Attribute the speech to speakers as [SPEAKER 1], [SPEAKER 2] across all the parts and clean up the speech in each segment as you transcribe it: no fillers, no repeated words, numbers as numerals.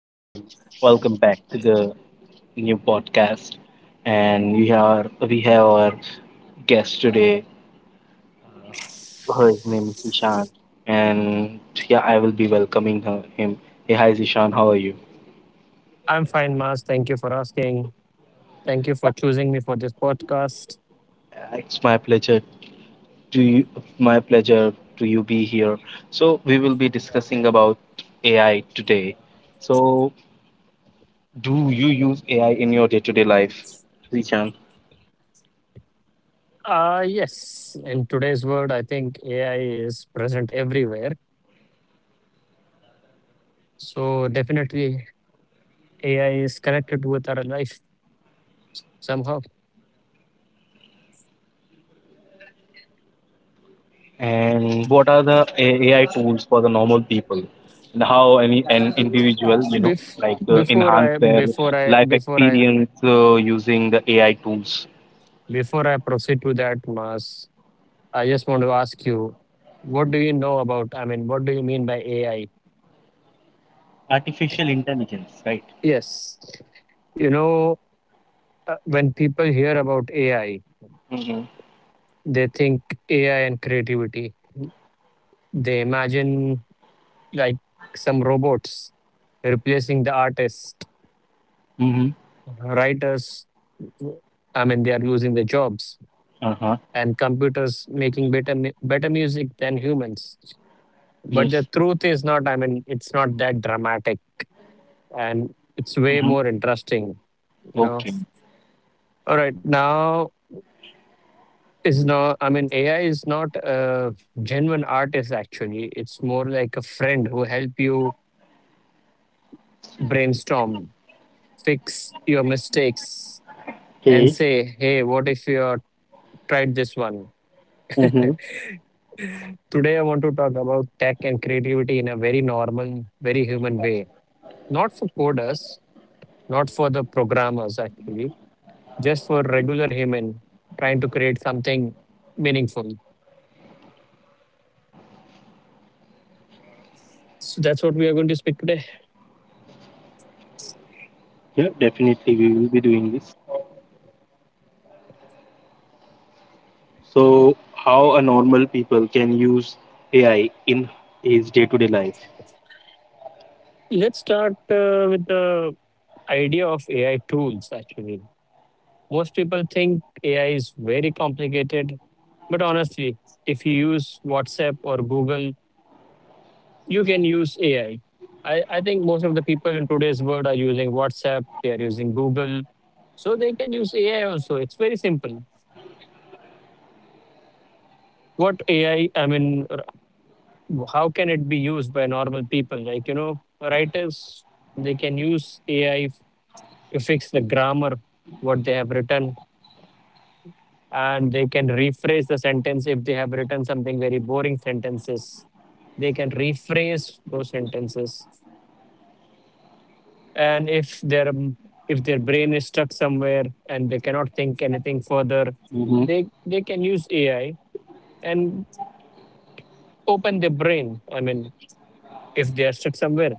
[SPEAKER 1] again. Welcome back to the new podcast. And we have our guest today. Her name is Ishan. And yeah, I will be welcoming her him. Hey, hi, Ishan. How are you?
[SPEAKER 2] I'm fine, Mars. Thank you for asking. Thank you for choosing me for this podcast.
[SPEAKER 1] It's my pleasure to you, my pleasure to you be here. So we will be discussing about AI today. So do you use AI in your day-to-day life, Ishan?
[SPEAKER 2] Yes, in today's world, I think AI is present everywhere. So, definitely, AI is connected with our life somehow.
[SPEAKER 1] And what are the AI tools for the normal people, and how any an individual,
[SPEAKER 2] Bef-
[SPEAKER 1] like
[SPEAKER 2] before
[SPEAKER 1] enhance
[SPEAKER 2] I,
[SPEAKER 1] their
[SPEAKER 2] before I,
[SPEAKER 1] life
[SPEAKER 2] before I,
[SPEAKER 1] experience using the AI tools.
[SPEAKER 2] before I proceed to that, Mars, I just want to ask you, what do you know about? I mean, what do you mean by AI?
[SPEAKER 1] Artificial intelligence, right?
[SPEAKER 2] Yes, you know, when people hear about AI,
[SPEAKER 1] Mm-hmm.
[SPEAKER 2] they think AI and creativity. They imagine like some robots replacing the artists,
[SPEAKER 1] Mm-hmm.
[SPEAKER 2] writers. I mean, they are losing their jobs,
[SPEAKER 1] Uh huh.
[SPEAKER 2] and computers making better music than humans. But the
[SPEAKER 1] Yes.
[SPEAKER 2] truth is not. I mean, it's not that dramatic, and it's way
[SPEAKER 1] Mm-hmm.
[SPEAKER 2] more interesting. You know.
[SPEAKER 1] Okay.
[SPEAKER 2] All right, now is not. I mean, AI is not a genuine artist. Actually, it's more like a friend who help you brainstorm, fix your mistakes, and say, hey, what if you tried this one?
[SPEAKER 1] Mm-hmm.
[SPEAKER 2] Today, I want to talk about tech and creativity in a very normal, very human way. Not for coders, not for the programmers, actually, just for regular human trying to create something meaningful. So that's what we are going to speak today.
[SPEAKER 1] Yeah, definitely we will be doing this. So, how a normal people can use AI in his day-to-day life?
[SPEAKER 2] Let's start with the idea of AI tools, actually. Most people think AI is very complicated, but honestly, if you use WhatsApp or Google, you can use AI. I think most of the people in today's world are using WhatsApp, they are using Google. So they can use AI also. It's very simple. What AI, I mean, r- How can it be used by normal people? Like, writers, they can use AI to fix the grammar, what they have written, and they can rephrase the sentence if they have written something very boring sentences. They can rephrase those sentences. And if their brain is stuck somewhere and they cannot think anything further.
[SPEAKER 1] Mm-hmm.
[SPEAKER 2] They can use AI and open their brain, I mean, if they are stuck somewhere.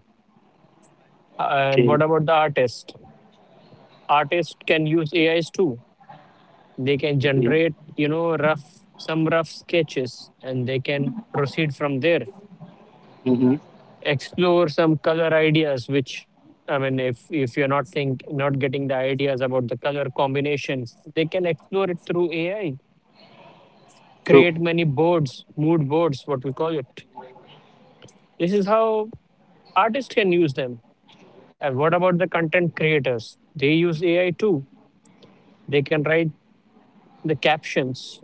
[SPEAKER 2] And
[SPEAKER 1] Okay.
[SPEAKER 2] what about the artist? Artists can use AIs too. They can
[SPEAKER 1] Okay.
[SPEAKER 2] generate, you know, rough some rough sketches, and they can proceed from there,
[SPEAKER 1] Mm-hmm.
[SPEAKER 2] explore some color ideas, which, I mean, if you're not getting the ideas about the color combinations, they can explore it through AI,
[SPEAKER 1] True.
[SPEAKER 2] create many boards, mood boards, what we call it. This is how artists can use them. And what about the content creators? They use AI too. They can write the captions,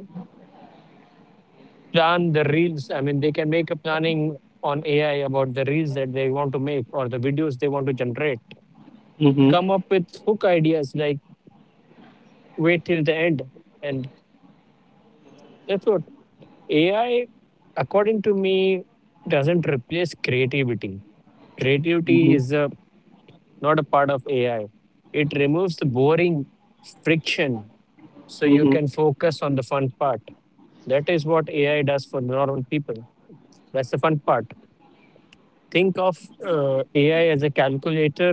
[SPEAKER 2] plan the reels. I mean, they can make a planning on AI about the reels that they want to make or the videos they want to generate.
[SPEAKER 1] Mm-hmm.
[SPEAKER 2] Come up with hook ideas like wait till the end. And that's what AI, according to me, doesn't replace creativity. Creativity
[SPEAKER 1] Mm-hmm.
[SPEAKER 2] is a not a part of AI. It removes the boring friction, so you
[SPEAKER 1] Mm-hmm.
[SPEAKER 2] can focus on the fun part. That is what AI does for normal people. That's the fun part. Think of AI as a calculator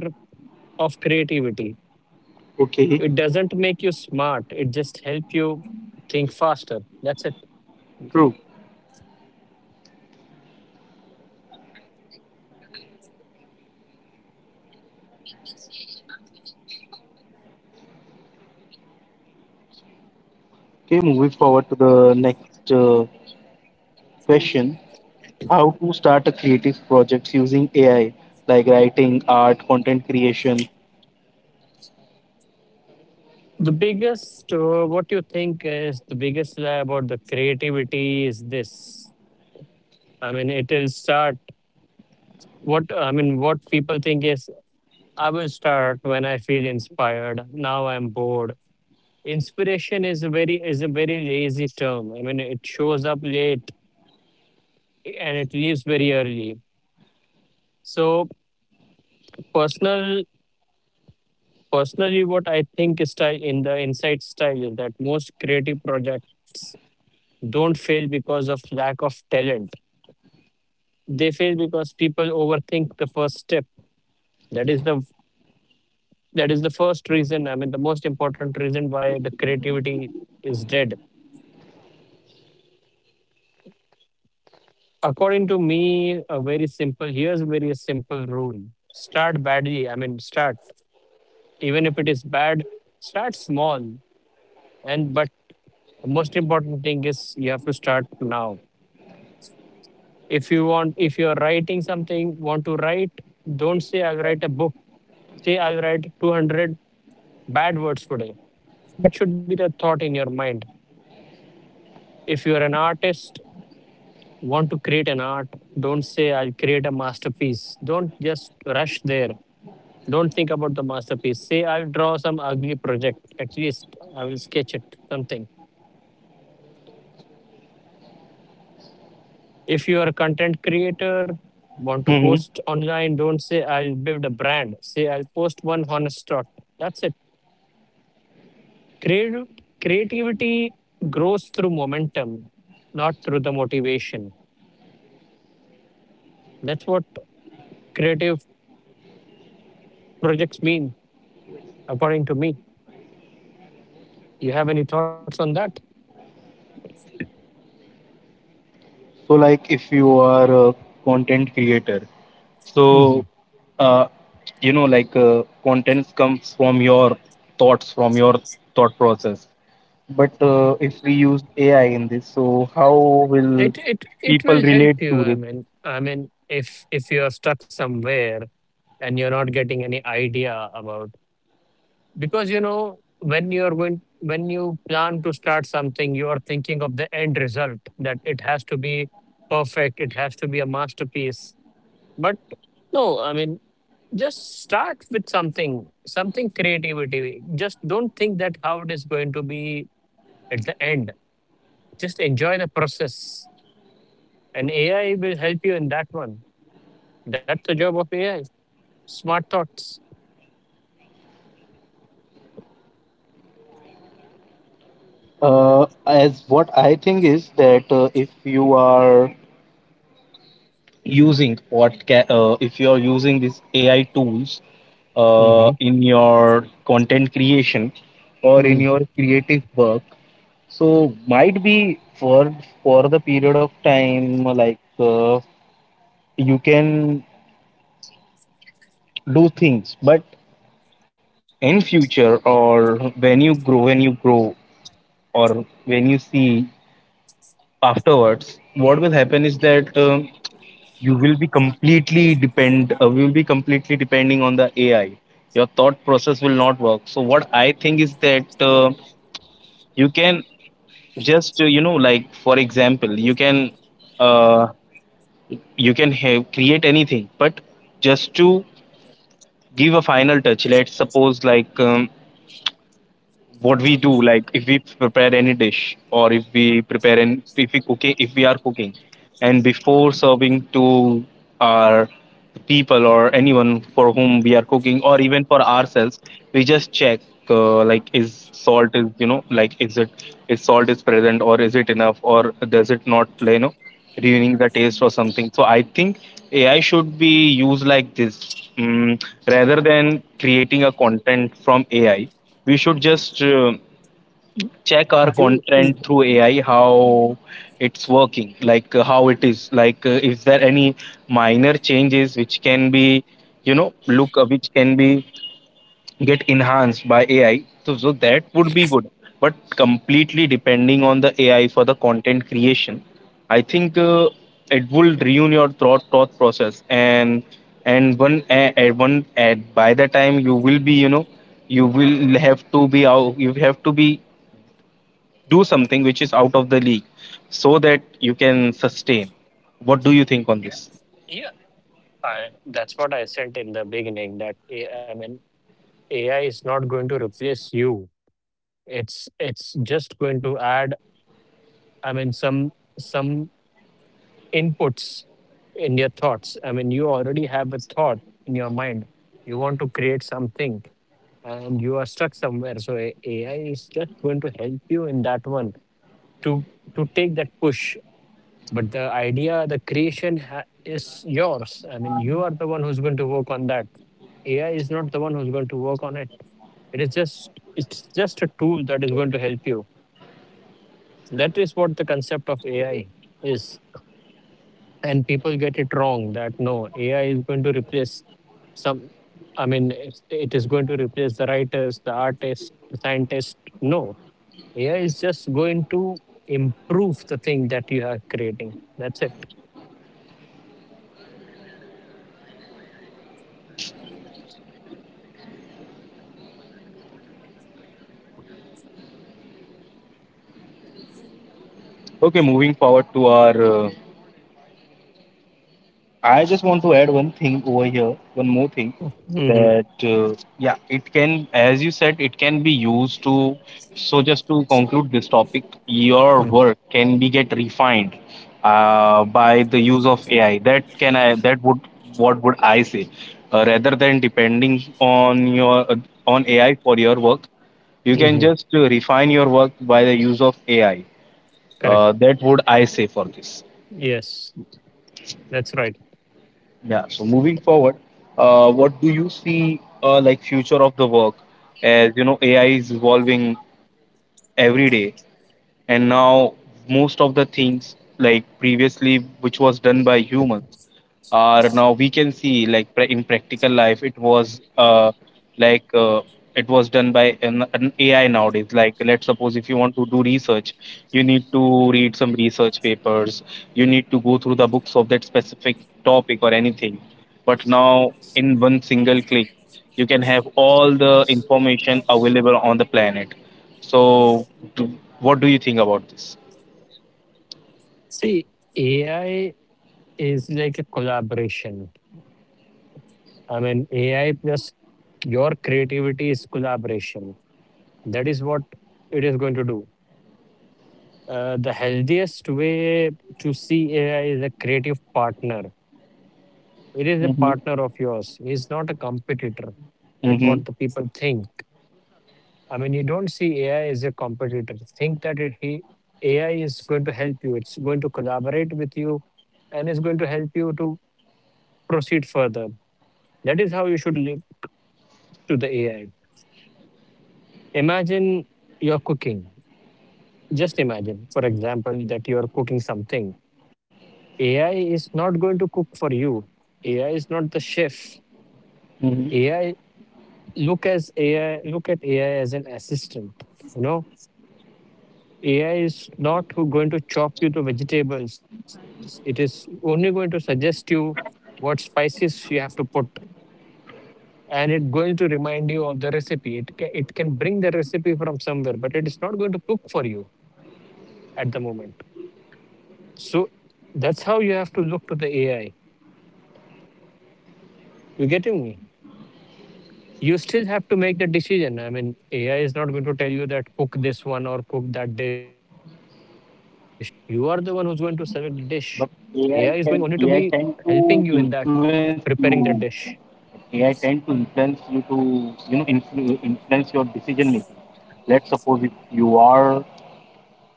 [SPEAKER 2] of creativity.
[SPEAKER 1] Okay,
[SPEAKER 2] It doesn't make you smart, it just helps you think faster. That's it.
[SPEAKER 1] true. Okay, moving forward to the next question. How to start a creative project using AI, like writing, art, content creation.
[SPEAKER 2] The biggest, what you think is the biggest lie about the creativity is this. I mean, it will start, what I mean, what people think is, I will start when I feel inspired. Now I'm bored. Inspiration is a very lazy term. I mean, it shows up late and it leaves very early. So personal personally, what I think is, style in the insight, style is that most creative projects don't fail because of lack of talent. They fail because people overthink the first step. That is the that is the first reason. I mean, the most important reason why the creativity is dead. According to me, a very simple. Here's a very simple rule: start badly. I mean, start even if it is bad. Start small, and but most important thing is you have to start now. If you're writing something, want to write, don't say I'll write a book. Say I'll write 200 bad words today. That should be the thought in your mind. If you're an artist, want to create an art, don't say I'll create a masterpiece. Don't just rush there. Don't think about the masterpiece. Say, I'll draw some ugly project. At least I will sketch it, something. If you are a content creator, want to
[SPEAKER 1] Hmm.
[SPEAKER 2] post online, don't say, I'll build a brand. Say, I'll post one honest thought. That's it. Creative, creativity grows through momentum, not through the motivation. That's what creative projects mean, according to me. You have any thoughts on that?
[SPEAKER 1] So, like if you are a content creator,
[SPEAKER 2] Hmm.
[SPEAKER 1] so uh, like contents comes from your thoughts, from your thought process. But if we use AI in this, so how will
[SPEAKER 2] It
[SPEAKER 1] people
[SPEAKER 2] will help
[SPEAKER 1] relate
[SPEAKER 2] you.
[SPEAKER 1] to
[SPEAKER 2] I
[SPEAKER 1] this?
[SPEAKER 2] mean, I mean, if you are stuck somewhere and you're not getting any idea about, because when you plan to start something, you are thinking of the end result, that it has to be perfect, it has to be a masterpiece. But no, I mean, just start with something something creativity Just don't think that how it is going to be at the end. Just enjoy the process, and AI will help you in that one. That's the job of AI. Smart thoughts.
[SPEAKER 1] As what I think is that if you are using if you are using these AI tools
[SPEAKER 2] Hmm.
[SPEAKER 1] in your content creation or in
[SPEAKER 2] Mm.
[SPEAKER 1] your creative work, so might be for the period of time, like you can do things, but in future or when you grow, or when you see afterwards, what will happen is that. You will be completely depend we will be completely depending on the AI. Your thought process will not work. So what I think is that you can just like, for example, uh, you can have create anything, but just to give a final touch. Let's suppose like, what we do, like if we prepare any dish, or if we prepare an if we cook if we are cooking, and before serving to our people or anyone for whom we are cooking, or even for ourselves, we just check like, is salt is, like, is it, is salt is present, or is it enough, or does it not, ruining the taste or something. So I think AI should be used like this. Rather than creating a content from AI, we should just check our
[SPEAKER 2] You.
[SPEAKER 1] content through AI, how it's working, like how it is, like is there any minor changes which can be you know look which can be get enhanced by AI. So that would be good. But completely depending on the AI for the content creation, I think it will ruin your thought process. And one a- one at by the time you will be, you will have to be out. You have to be do something which is out of the league, so that you can sustain. What do you think on this?
[SPEAKER 2] Yeah, that's what I said in the beginning that I mean AI is not going to replace you. It's just going to add, I mean, some inputs in your thoughts. I mean, you already have a thought in your mind. You want to create something and you are stuck somewhere. So AI is just going to help you in that one, to to take that push, but the idea, the creation, is yours. I mean, you are the one who's going to work on that. AI is not the one who's going to work on it. It is just it's just a tool that is going to help you. That is what the concept of AI is. And people get it wrong, that no, AI is going to replace, some I mean, it is going to replace the writers, the artists, the scientists. No. AI is just going to improve the thing that you are creating. That's it.
[SPEAKER 1] Okay, moving forward to our I just want to add one thing over here, one more thing,
[SPEAKER 2] Hmm.
[SPEAKER 1] that yeah, it can, as you said, it can be used to. So just to conclude this topic, your work can be get refined by the use of AI. That can I that would what would I say, rather than depending on your on AI for your work, you can
[SPEAKER 2] Mm-hmm.
[SPEAKER 1] just refine your work by the use of AI.
[SPEAKER 2] Correct.
[SPEAKER 1] That would I say for this.
[SPEAKER 2] Yes, that's right.
[SPEAKER 1] Yeah, so moving forward, what do you see like future of the work? As you know, AI is evolving every day, and now most of the things, like previously which was done by humans, or now we can see, like in practical life it was, like it was done by an AI nowadays. Like, let's suppose if you want to do research, you need to read some research papers, you need to go through the books of that specific topic or anything. But now in one single click, you can have all the information available on the planet. So, do, what do you think about this?
[SPEAKER 2] See, AI is like a collaboration. I mean, AI plus your creativity is collaboration. That is what it is going to do. The healthiest way to see AI is a creative partner. It is a
[SPEAKER 1] Mm-hmm.
[SPEAKER 2] partner of yours. It's not a competitor. That's
[SPEAKER 1] Mm-hmm.
[SPEAKER 2] what the people think. I mean, you don't see AI as a competitor. Think that AI is going to help you. It's going to collaborate with you, and it's going to help you to proceed further. That is how you should live to the AI. Imagine you're cooking. Just imagine, for example, that you are cooking something. AI is not going to cook for you. AI is not the chef. AI look as AI Look at AI as an assistant. You know, AI is not going to chop you to vegetables. It is only going to suggest you what spices you have to put, and it's going to remind you of the recipe. It can bring the recipe from somewhere, but it is not going to cook for you at the moment. So that's how you have to look to the AI. You getting me? You still have to make the decision. I mean, AI is not going to tell you that cook this one or cook that dish. You are the one who's going to select the dish. AI is going
[SPEAKER 1] But
[SPEAKER 2] only to be
[SPEAKER 1] AI can, AI
[SPEAKER 2] helping you in
[SPEAKER 1] tend
[SPEAKER 2] that,
[SPEAKER 1] to influence
[SPEAKER 2] preparing that
[SPEAKER 1] you.
[SPEAKER 2] dish.
[SPEAKER 1] AI tend to influence you to, influence your decision making. Let's suppose if you are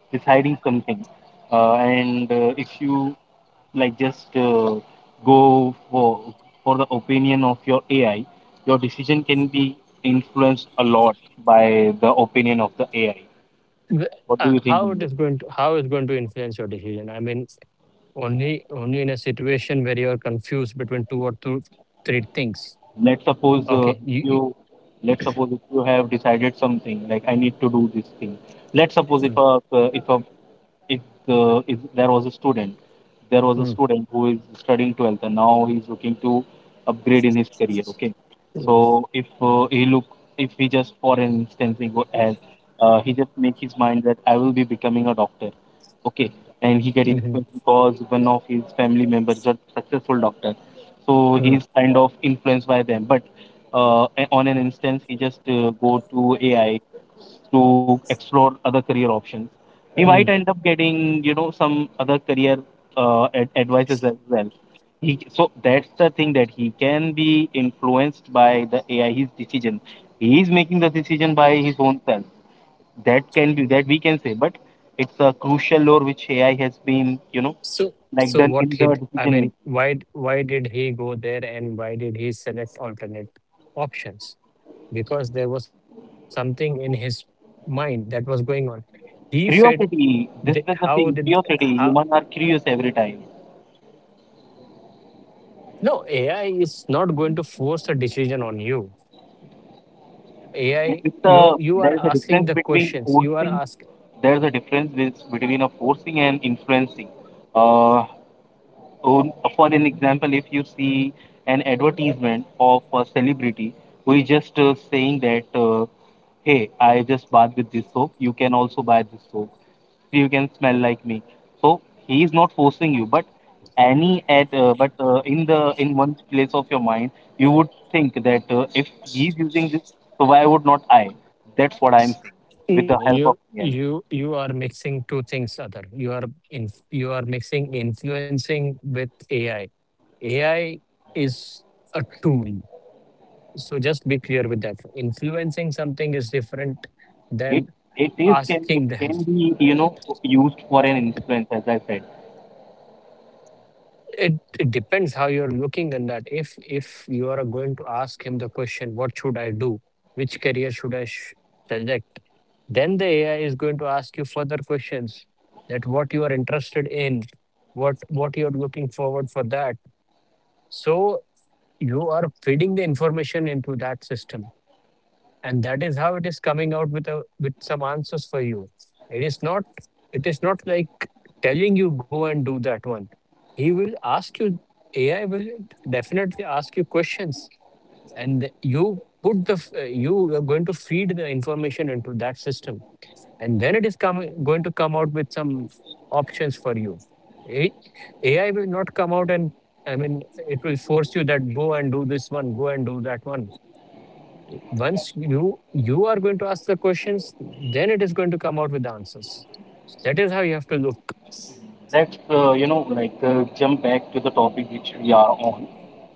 [SPEAKER 1] deciding something, and if you, like, just go for the opinion of your AI, your decision can be influenced a lot by the opinion of the AI. What do you think?
[SPEAKER 2] How it's going to influence your decision, I mean? Only in a situation where you are confused between two or two three things.
[SPEAKER 1] Let's suppose
[SPEAKER 2] Okay.
[SPEAKER 1] you let's suppose if you have decided something, like, I need to do this thing. Let's suppose
[SPEAKER 2] Mm,
[SPEAKER 1] if, if there was a student,
[SPEAKER 2] mm,
[SPEAKER 1] who is studying 12th and now he's looking to upgrade in his career. Okay,
[SPEAKER 2] mm,
[SPEAKER 1] so if, if he just, for instance, he go as he just make his mind that I will be becoming a doctor. Okay, and he get
[SPEAKER 2] mhm,
[SPEAKER 1] influenced because one of his family members is a successful doctor, so
[SPEAKER 2] mm,
[SPEAKER 1] he's kind of influenced by them. But on an instance, he just go to AI to explore other career options. He might
[SPEAKER 2] mm.
[SPEAKER 1] end up getting, some other career advices as well. He So that's the thing, that he can be influenced by the AI. His decision, he is making the decision by his own self, that can be, that we can say, but it's a crucial role which AI has been,
[SPEAKER 2] so
[SPEAKER 1] like,
[SPEAKER 2] so
[SPEAKER 1] done
[SPEAKER 2] what
[SPEAKER 1] in the
[SPEAKER 2] hit, I
[SPEAKER 1] decision
[SPEAKER 2] mean,
[SPEAKER 1] making.
[SPEAKER 2] why why did he go there, and why did he select alternate options? Because there was something in his mind that was going on. He fed the,
[SPEAKER 1] Curiosity. This
[SPEAKER 2] how
[SPEAKER 1] is the
[SPEAKER 2] did
[SPEAKER 1] thing.
[SPEAKER 2] how
[SPEAKER 1] Curiosity. Humans are curious every time.
[SPEAKER 2] No, AI is not going to force a decision on you. AI,
[SPEAKER 1] It's
[SPEAKER 2] you
[SPEAKER 1] a
[SPEAKER 2] are
[SPEAKER 1] there is a
[SPEAKER 2] asking the
[SPEAKER 1] difference
[SPEAKER 2] questions.
[SPEAKER 1] between
[SPEAKER 2] You are ask
[SPEAKER 1] forcing, there's a difference with, between a forcing and influencing. Uh, for an example, if you see an advertisement of a celebrity, who is just saying that, hey, I just bath with this soap, you can also buy this soap, you can smell like me. So he is not forcing you, but any at but in the in one place of your mind, you would think that if he's using this, so why would not I? That's what I'm saying with
[SPEAKER 2] no,
[SPEAKER 1] the help
[SPEAKER 2] you
[SPEAKER 1] of AI.
[SPEAKER 2] you you are mixing two things, other. You are mixing influencing with AI. AI is a tool. So just be clear with that. Influencing something is different
[SPEAKER 1] It
[SPEAKER 2] than
[SPEAKER 1] it is can
[SPEAKER 2] asking
[SPEAKER 1] it
[SPEAKER 2] them.
[SPEAKER 1] can be, used for an influence as I said.
[SPEAKER 2] it, it depends how you're looking in that. If you are going to ask him the question, what should I do, which career should I select, then the AI is going to ask you further questions, that what you are interested in, what you are looking forward for that. So you are feeding the information into that system, and that is how it is coming out with a with some answers for you. It is not, it is not like telling you go and do that one. He will ask you. AI will definitely ask you questions, and you put the you are going to feed the information into that system, and then it is coming going to come out with some options for you. A- AI will not come out and, I mean, it will force you that go and do this one, go and do that one. Once you are going to ask the questions, then it is going to come out with the answers. That is how you have to look.
[SPEAKER 1] Let's like jump back to the topic which we are on.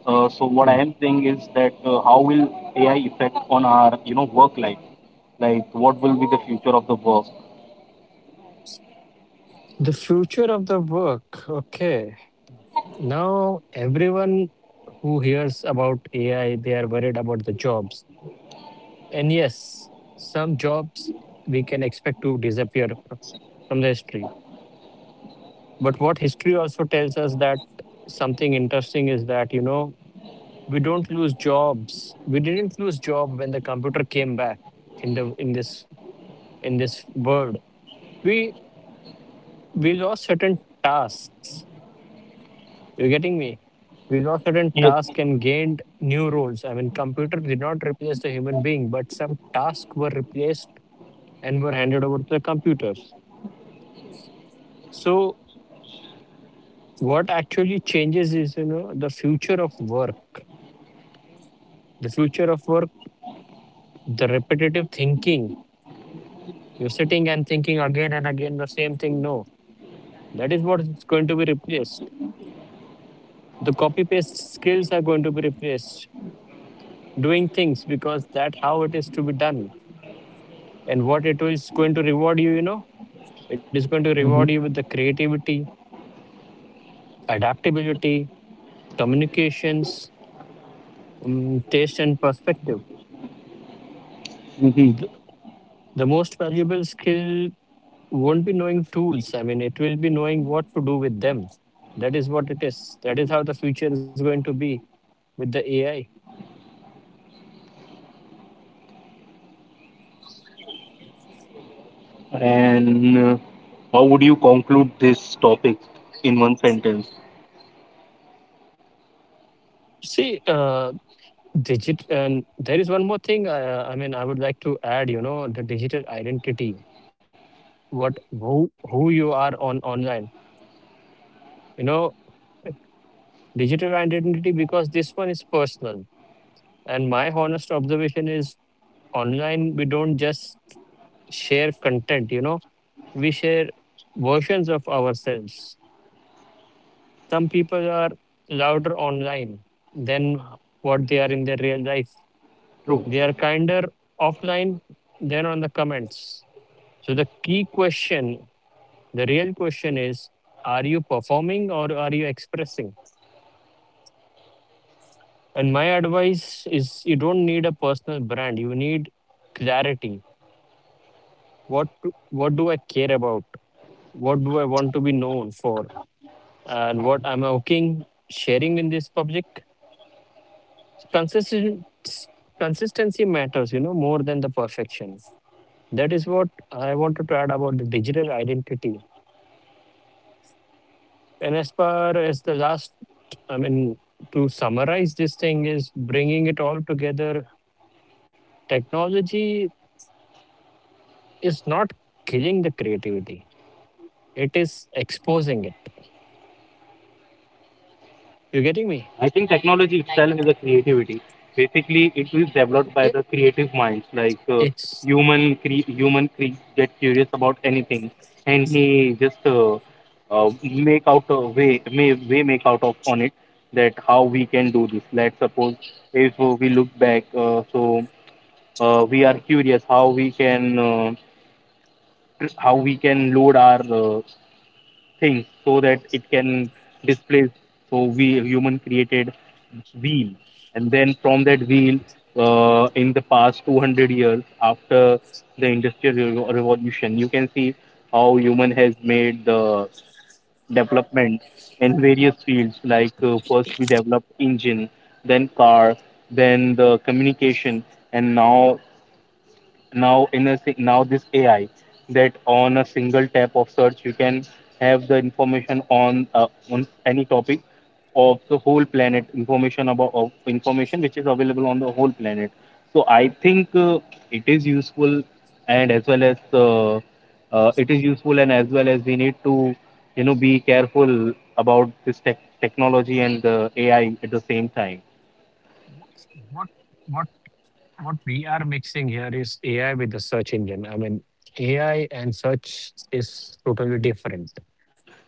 [SPEAKER 1] So what I
[SPEAKER 2] Hmm.
[SPEAKER 1] am saying is that, how will AI affect on our, work life? Like, what will be the future of the work?
[SPEAKER 2] The future of the work. Okay. Now everyone who hears about AI, they are worried about the jobs. And yes, some jobs we can expect to disappear from the history. But what history also tells us that something interesting is that, you know, we don't lose jobs, we didn't lose job when the computer came back in the in this in this world we we lost certain tasks, you're getting me, we lost certain
[SPEAKER 1] Yes.
[SPEAKER 2] tasks and gained new roles. I mean, computer did not replace the human being, but some tasks were replaced and were handed over to the computers. So what actually changes is, you know, the future of work, the future of work, the repetitive thinking. You're sitting and thinking again and again the same thing, no. That is what is going to be replaced. The copy paste skills are going to be replaced. Doing things because that how it is to be done, and what it is going to reward you. You know, it is going to reward you with
[SPEAKER 1] Hmm.
[SPEAKER 2] the creativity, adaptability, communications, taste, and perspective.
[SPEAKER 1] Hmm.
[SPEAKER 2] The, the most valuable skill won't be knowing tools. I mean, it will be knowing what to do with them. That is what it is. That is how the future is going to be with the AI.
[SPEAKER 1] And how would you conclude this topic in one sentence?
[SPEAKER 2] See, Digit and there is one more thing. I mean, I would like to add. You know, the digital identity. What, who you are on online. You know, digital identity, because this one is personal. And my honest observation is online, we don't just share content. You know, we share versions of ourselves. Some people are louder online than what they are in their real life.
[SPEAKER 1] True.
[SPEAKER 2] They are kinder offline than on the comments. So the key question, the real question is, are you performing or are you expressing? And my advice is, you don't need a personal brand. You need clarity. What do I care about? What do I want to be known for? And what am I okay sharing in this public? Consistent Consistency matters, you know, more than the perfection. That is what I wanted to add about the digital identity. And as far as the last, I mean, to summarize this thing is bringing it all together. Technology is not killing the creativity; it is exposing it. You getting me?
[SPEAKER 1] I think technology itself is a creativity. Basically, it is developed by
[SPEAKER 2] It,
[SPEAKER 1] the creative minds. Like
[SPEAKER 2] it's
[SPEAKER 1] get curious about anything, and he just make out a way, may way make out of on it, that how we can do this. Let's suppose if we look back, so we are curious how we can, how we can load our things, so that it can displace. So we human created wheel, and then from that wheel in the past 200 years after the industrial revolution, you can see how human has made the development in various fields. Like first we developed engine, then car, then the communication, and now this AI. That on a single tap of search, you can have the information on, any topic of the whole planet. Information about of information which is available on the whole planet. So I think, it is useful, and as well as it is useful and as well as we need to, be careful about this technology and the AI at the same time.
[SPEAKER 2] what what what we are mixing here is AI with the search engine. I mean, AI and search is totally different.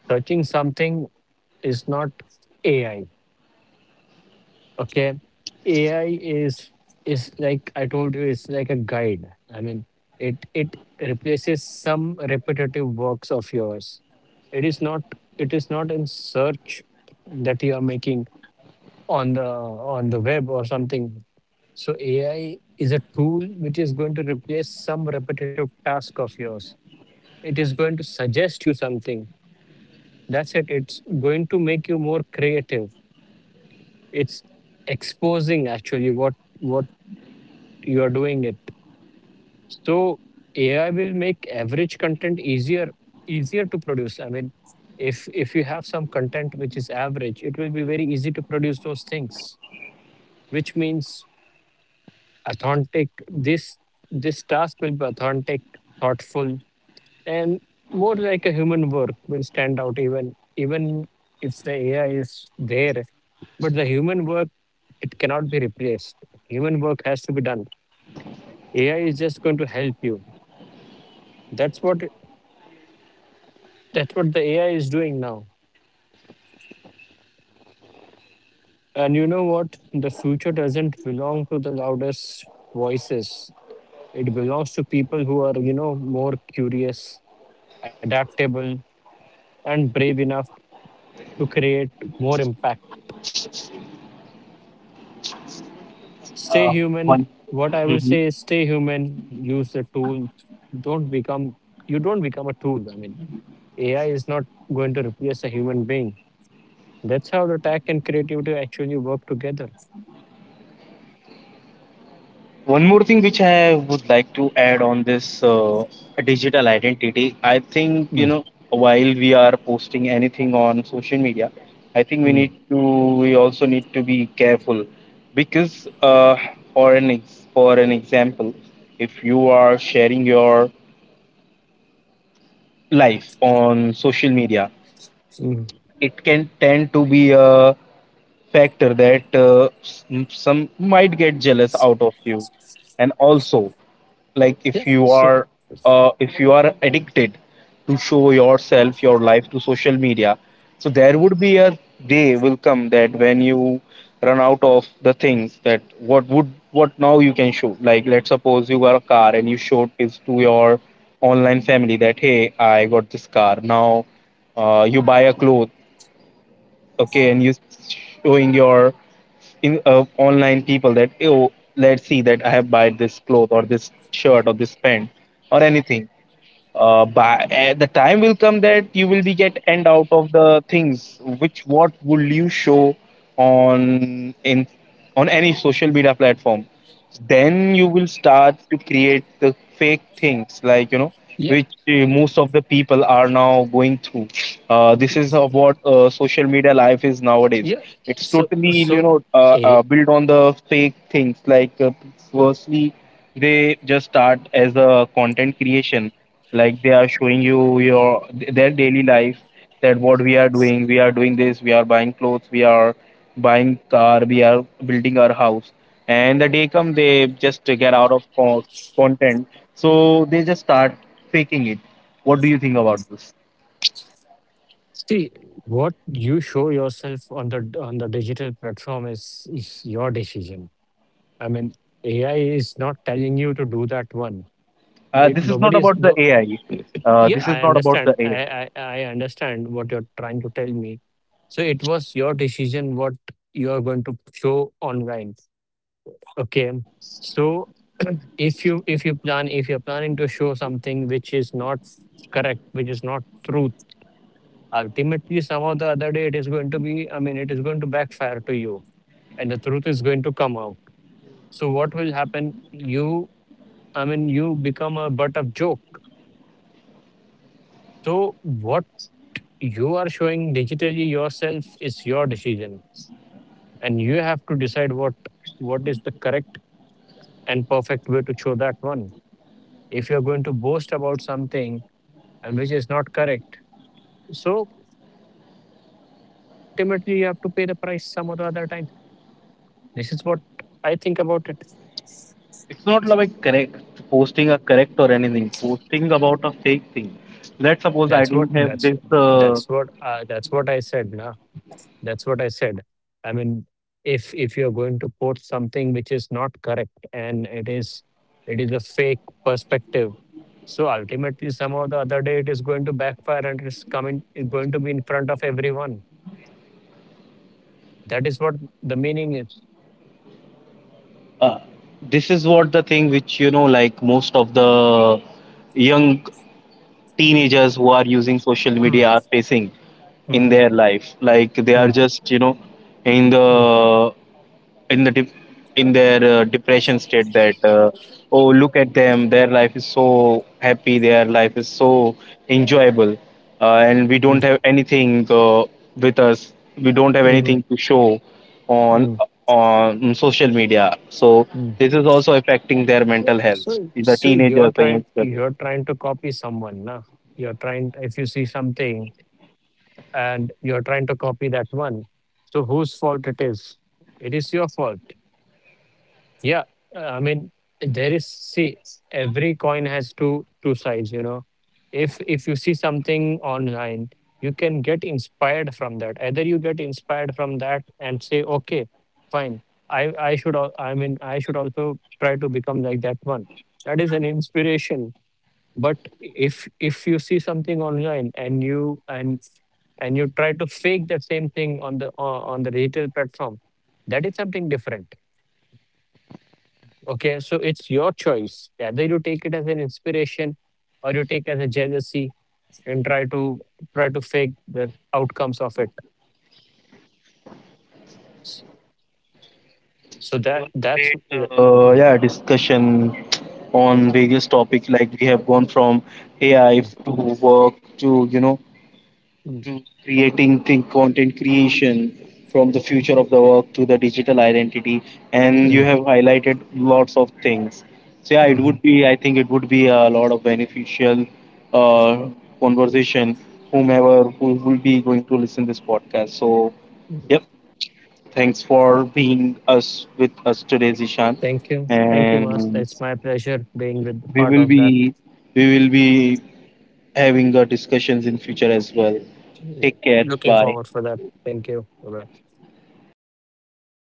[SPEAKER 2] Searching something is not AI. Okay. AI is like I told you, it's like a guide. I mean, it replaces some repetitive works of yours. It is not, it is not in search that you are making on the on the web or something. So AI is a tool which is going to replace some repetitive task of yours. It is going to suggest you something. That's it. It's going to make you more creative. It's exposing actually what you are doing it. So AI will make average content easier, easier to produce. I mean, if you have some content which is average, it will be very easy to produce those things, which means authentic. This task will be authentic, thoughtful, and more like a human work will stand out. Even if the AI is there, but the human work, it cannot be replaced. Human work has to be done. AI is just going to help you. that's what that's what the AI is doing now. And you know what, the future doesn't belong to the loudest voices. It belongs to people who are, you know, more curious, adaptable, and brave enough to create more impact.
[SPEAKER 1] Uh,
[SPEAKER 2] Stay
[SPEAKER 1] one
[SPEAKER 2] human. What I will
[SPEAKER 1] Mhm.
[SPEAKER 2] say is, stay human, use the tool. Don't become You don't become a tool. I mean, AI is not going to replace a human being. That's how the tech and creativity actually work together.
[SPEAKER 1] One more thing which I would like to add on this digital identity, I think,
[SPEAKER 2] Mm.
[SPEAKER 1] while we are posting anything on social media, I think
[SPEAKER 2] Mm,
[SPEAKER 1] we also need to be careful, because, for an example, if you are sharing your life on social media,
[SPEAKER 2] mm.
[SPEAKER 1] it can tend to be a factor that some might get jealous out of you. And also, like,
[SPEAKER 2] Yeah.
[SPEAKER 1] if you are addicted to show yourself, your life to social media, so there would be a day will come, that when you run out of the things that, what would, what now you can show. Like, let's suppose you got a car and you showed this to your online family, that hey, I got this car now. You buy a cloth, okay, and you showing your in online people, that oh, let's see that I have buy this cloth, or this shirt, or this pant, or anything. The time will come that you will be get end out of the things, which, what will you show on, in on any social media platform. Then you will start to create the fake things, like
[SPEAKER 2] Yeah,
[SPEAKER 1] which most of the people are now going through. This is what social media life is nowadays.
[SPEAKER 2] yeah.
[SPEAKER 1] It's
[SPEAKER 2] So
[SPEAKER 1] totally,
[SPEAKER 2] so a
[SPEAKER 1] built on the fake things, like firstly they just start as a content creation, like they are showing you your their daily life, that what we are doing, we are doing this, we are buying clothes, we are buying car, we are building our house. And the day come, they just get out of content. So they just start faking it. What do you think about this?
[SPEAKER 2] see, what you show yourself on the digital platform is your decision. I mean, AI is not telling you to do that one. It
[SPEAKER 1] This is not
[SPEAKER 2] nobody is.
[SPEAKER 1] about the
[SPEAKER 2] No.
[SPEAKER 1] AI.
[SPEAKER 2] Yeah,
[SPEAKER 1] This is
[SPEAKER 2] I
[SPEAKER 1] not about the
[SPEAKER 2] understand.
[SPEAKER 1] AI.
[SPEAKER 2] I understand what you're trying to tell me. So it was your decision what you're going to show online. Okay. So if you're planning to show something which is not correct, which is not truth, ultimately some or the other day it is going to be, I mean, it is going to backfire to you, and the truth is going to come out. So what will happen? You, I mean, you become a butt of joke. So what you are showing digitally yourself is your decision, and you have to decide what is the correct and perfect way to show that one. If you're going to boast about something, and which is not correct, so ultimately you have to pay the price some or the other time. This is what I think about it.
[SPEAKER 1] It's not like correct, posting a correct or anything, posting about a fake thing. Let's suppose
[SPEAKER 2] that's
[SPEAKER 1] I
[SPEAKER 2] what
[SPEAKER 1] don't have
[SPEAKER 2] that's
[SPEAKER 1] this,
[SPEAKER 2] that's what that's what I said now that's what I said. I mean, if you're going to quote something which is not correct, and it is a fake perspective, so ultimately somehow the other day it is going to backfire, and it's going to be in front of everyone. That is what the meaning is.
[SPEAKER 1] Uh, this is what the thing which, like most of the young teenagers who are using social media
[SPEAKER 2] Mm,
[SPEAKER 1] are facing in
[SPEAKER 2] mhm,
[SPEAKER 1] their life. Like they are
[SPEAKER 2] mm,
[SPEAKER 1] just, in
[SPEAKER 2] mm,
[SPEAKER 1] the in the dep in their depression state, that oh look at them, their life is so happy, their life is so enjoyable, and we don't have anything with us. We don't have
[SPEAKER 2] mm, mhm,
[SPEAKER 1] anything to show on,
[SPEAKER 2] mm,
[SPEAKER 1] social media. So
[SPEAKER 2] mm.
[SPEAKER 1] this is also affecting their mental health. The
[SPEAKER 2] So you're
[SPEAKER 1] teenagers, the
[SPEAKER 2] trying,
[SPEAKER 1] youngsters.
[SPEAKER 2] you're trying to copy someone, nah? You're trying, if you see something and you're trying to copy that one. So whose fault it is? It is your fault. Yeah, I mean, there is, see, every coin has two sides. You know, if you see something online, you can get inspired from that. Either you get inspired from that and say, okay, fine. I I mean, I should also try to become like that one. That is an inspiration. But if you see something online, and you try to fake that same thing on the retail platform, that is something different. Okay, so it's your choice whether you take it as an inspiration, or you take as a jealousy and try to try to fake the outcomes of it. S- so
[SPEAKER 1] It
[SPEAKER 2] that
[SPEAKER 1] was a
[SPEAKER 2] that's
[SPEAKER 1] great,
[SPEAKER 2] mm, mm,
[SPEAKER 1] yeah, discussion on various topics. Like, we have gone from AI
[SPEAKER 2] mm,
[SPEAKER 1] to work, to,
[SPEAKER 2] mm,
[SPEAKER 1] creating, think content creation, from the future of the work to the digital identity, and you
[SPEAKER 2] mhm.
[SPEAKER 1] have highlighted lots of things. So yeah, it
[SPEAKER 2] Mm.
[SPEAKER 1] would be I think it would be a lot of beneficial uh, conversation whomever who will be going to listen this podcast. So
[SPEAKER 2] Mm-hmm.
[SPEAKER 1] yep, thanks for being us with us today, Zishan.
[SPEAKER 2] Thank you, thank you,
[SPEAKER 1] And
[SPEAKER 2] master. It's my pleasure being with
[SPEAKER 1] we
[SPEAKER 2] part
[SPEAKER 1] will
[SPEAKER 2] of
[SPEAKER 1] be
[SPEAKER 2] that.
[SPEAKER 1] we will be having discussions in future as well.
[SPEAKER 2] Mm.
[SPEAKER 1] Take care,
[SPEAKER 2] Looking
[SPEAKER 1] bye.
[SPEAKER 2] forward for that. Thank you, bye.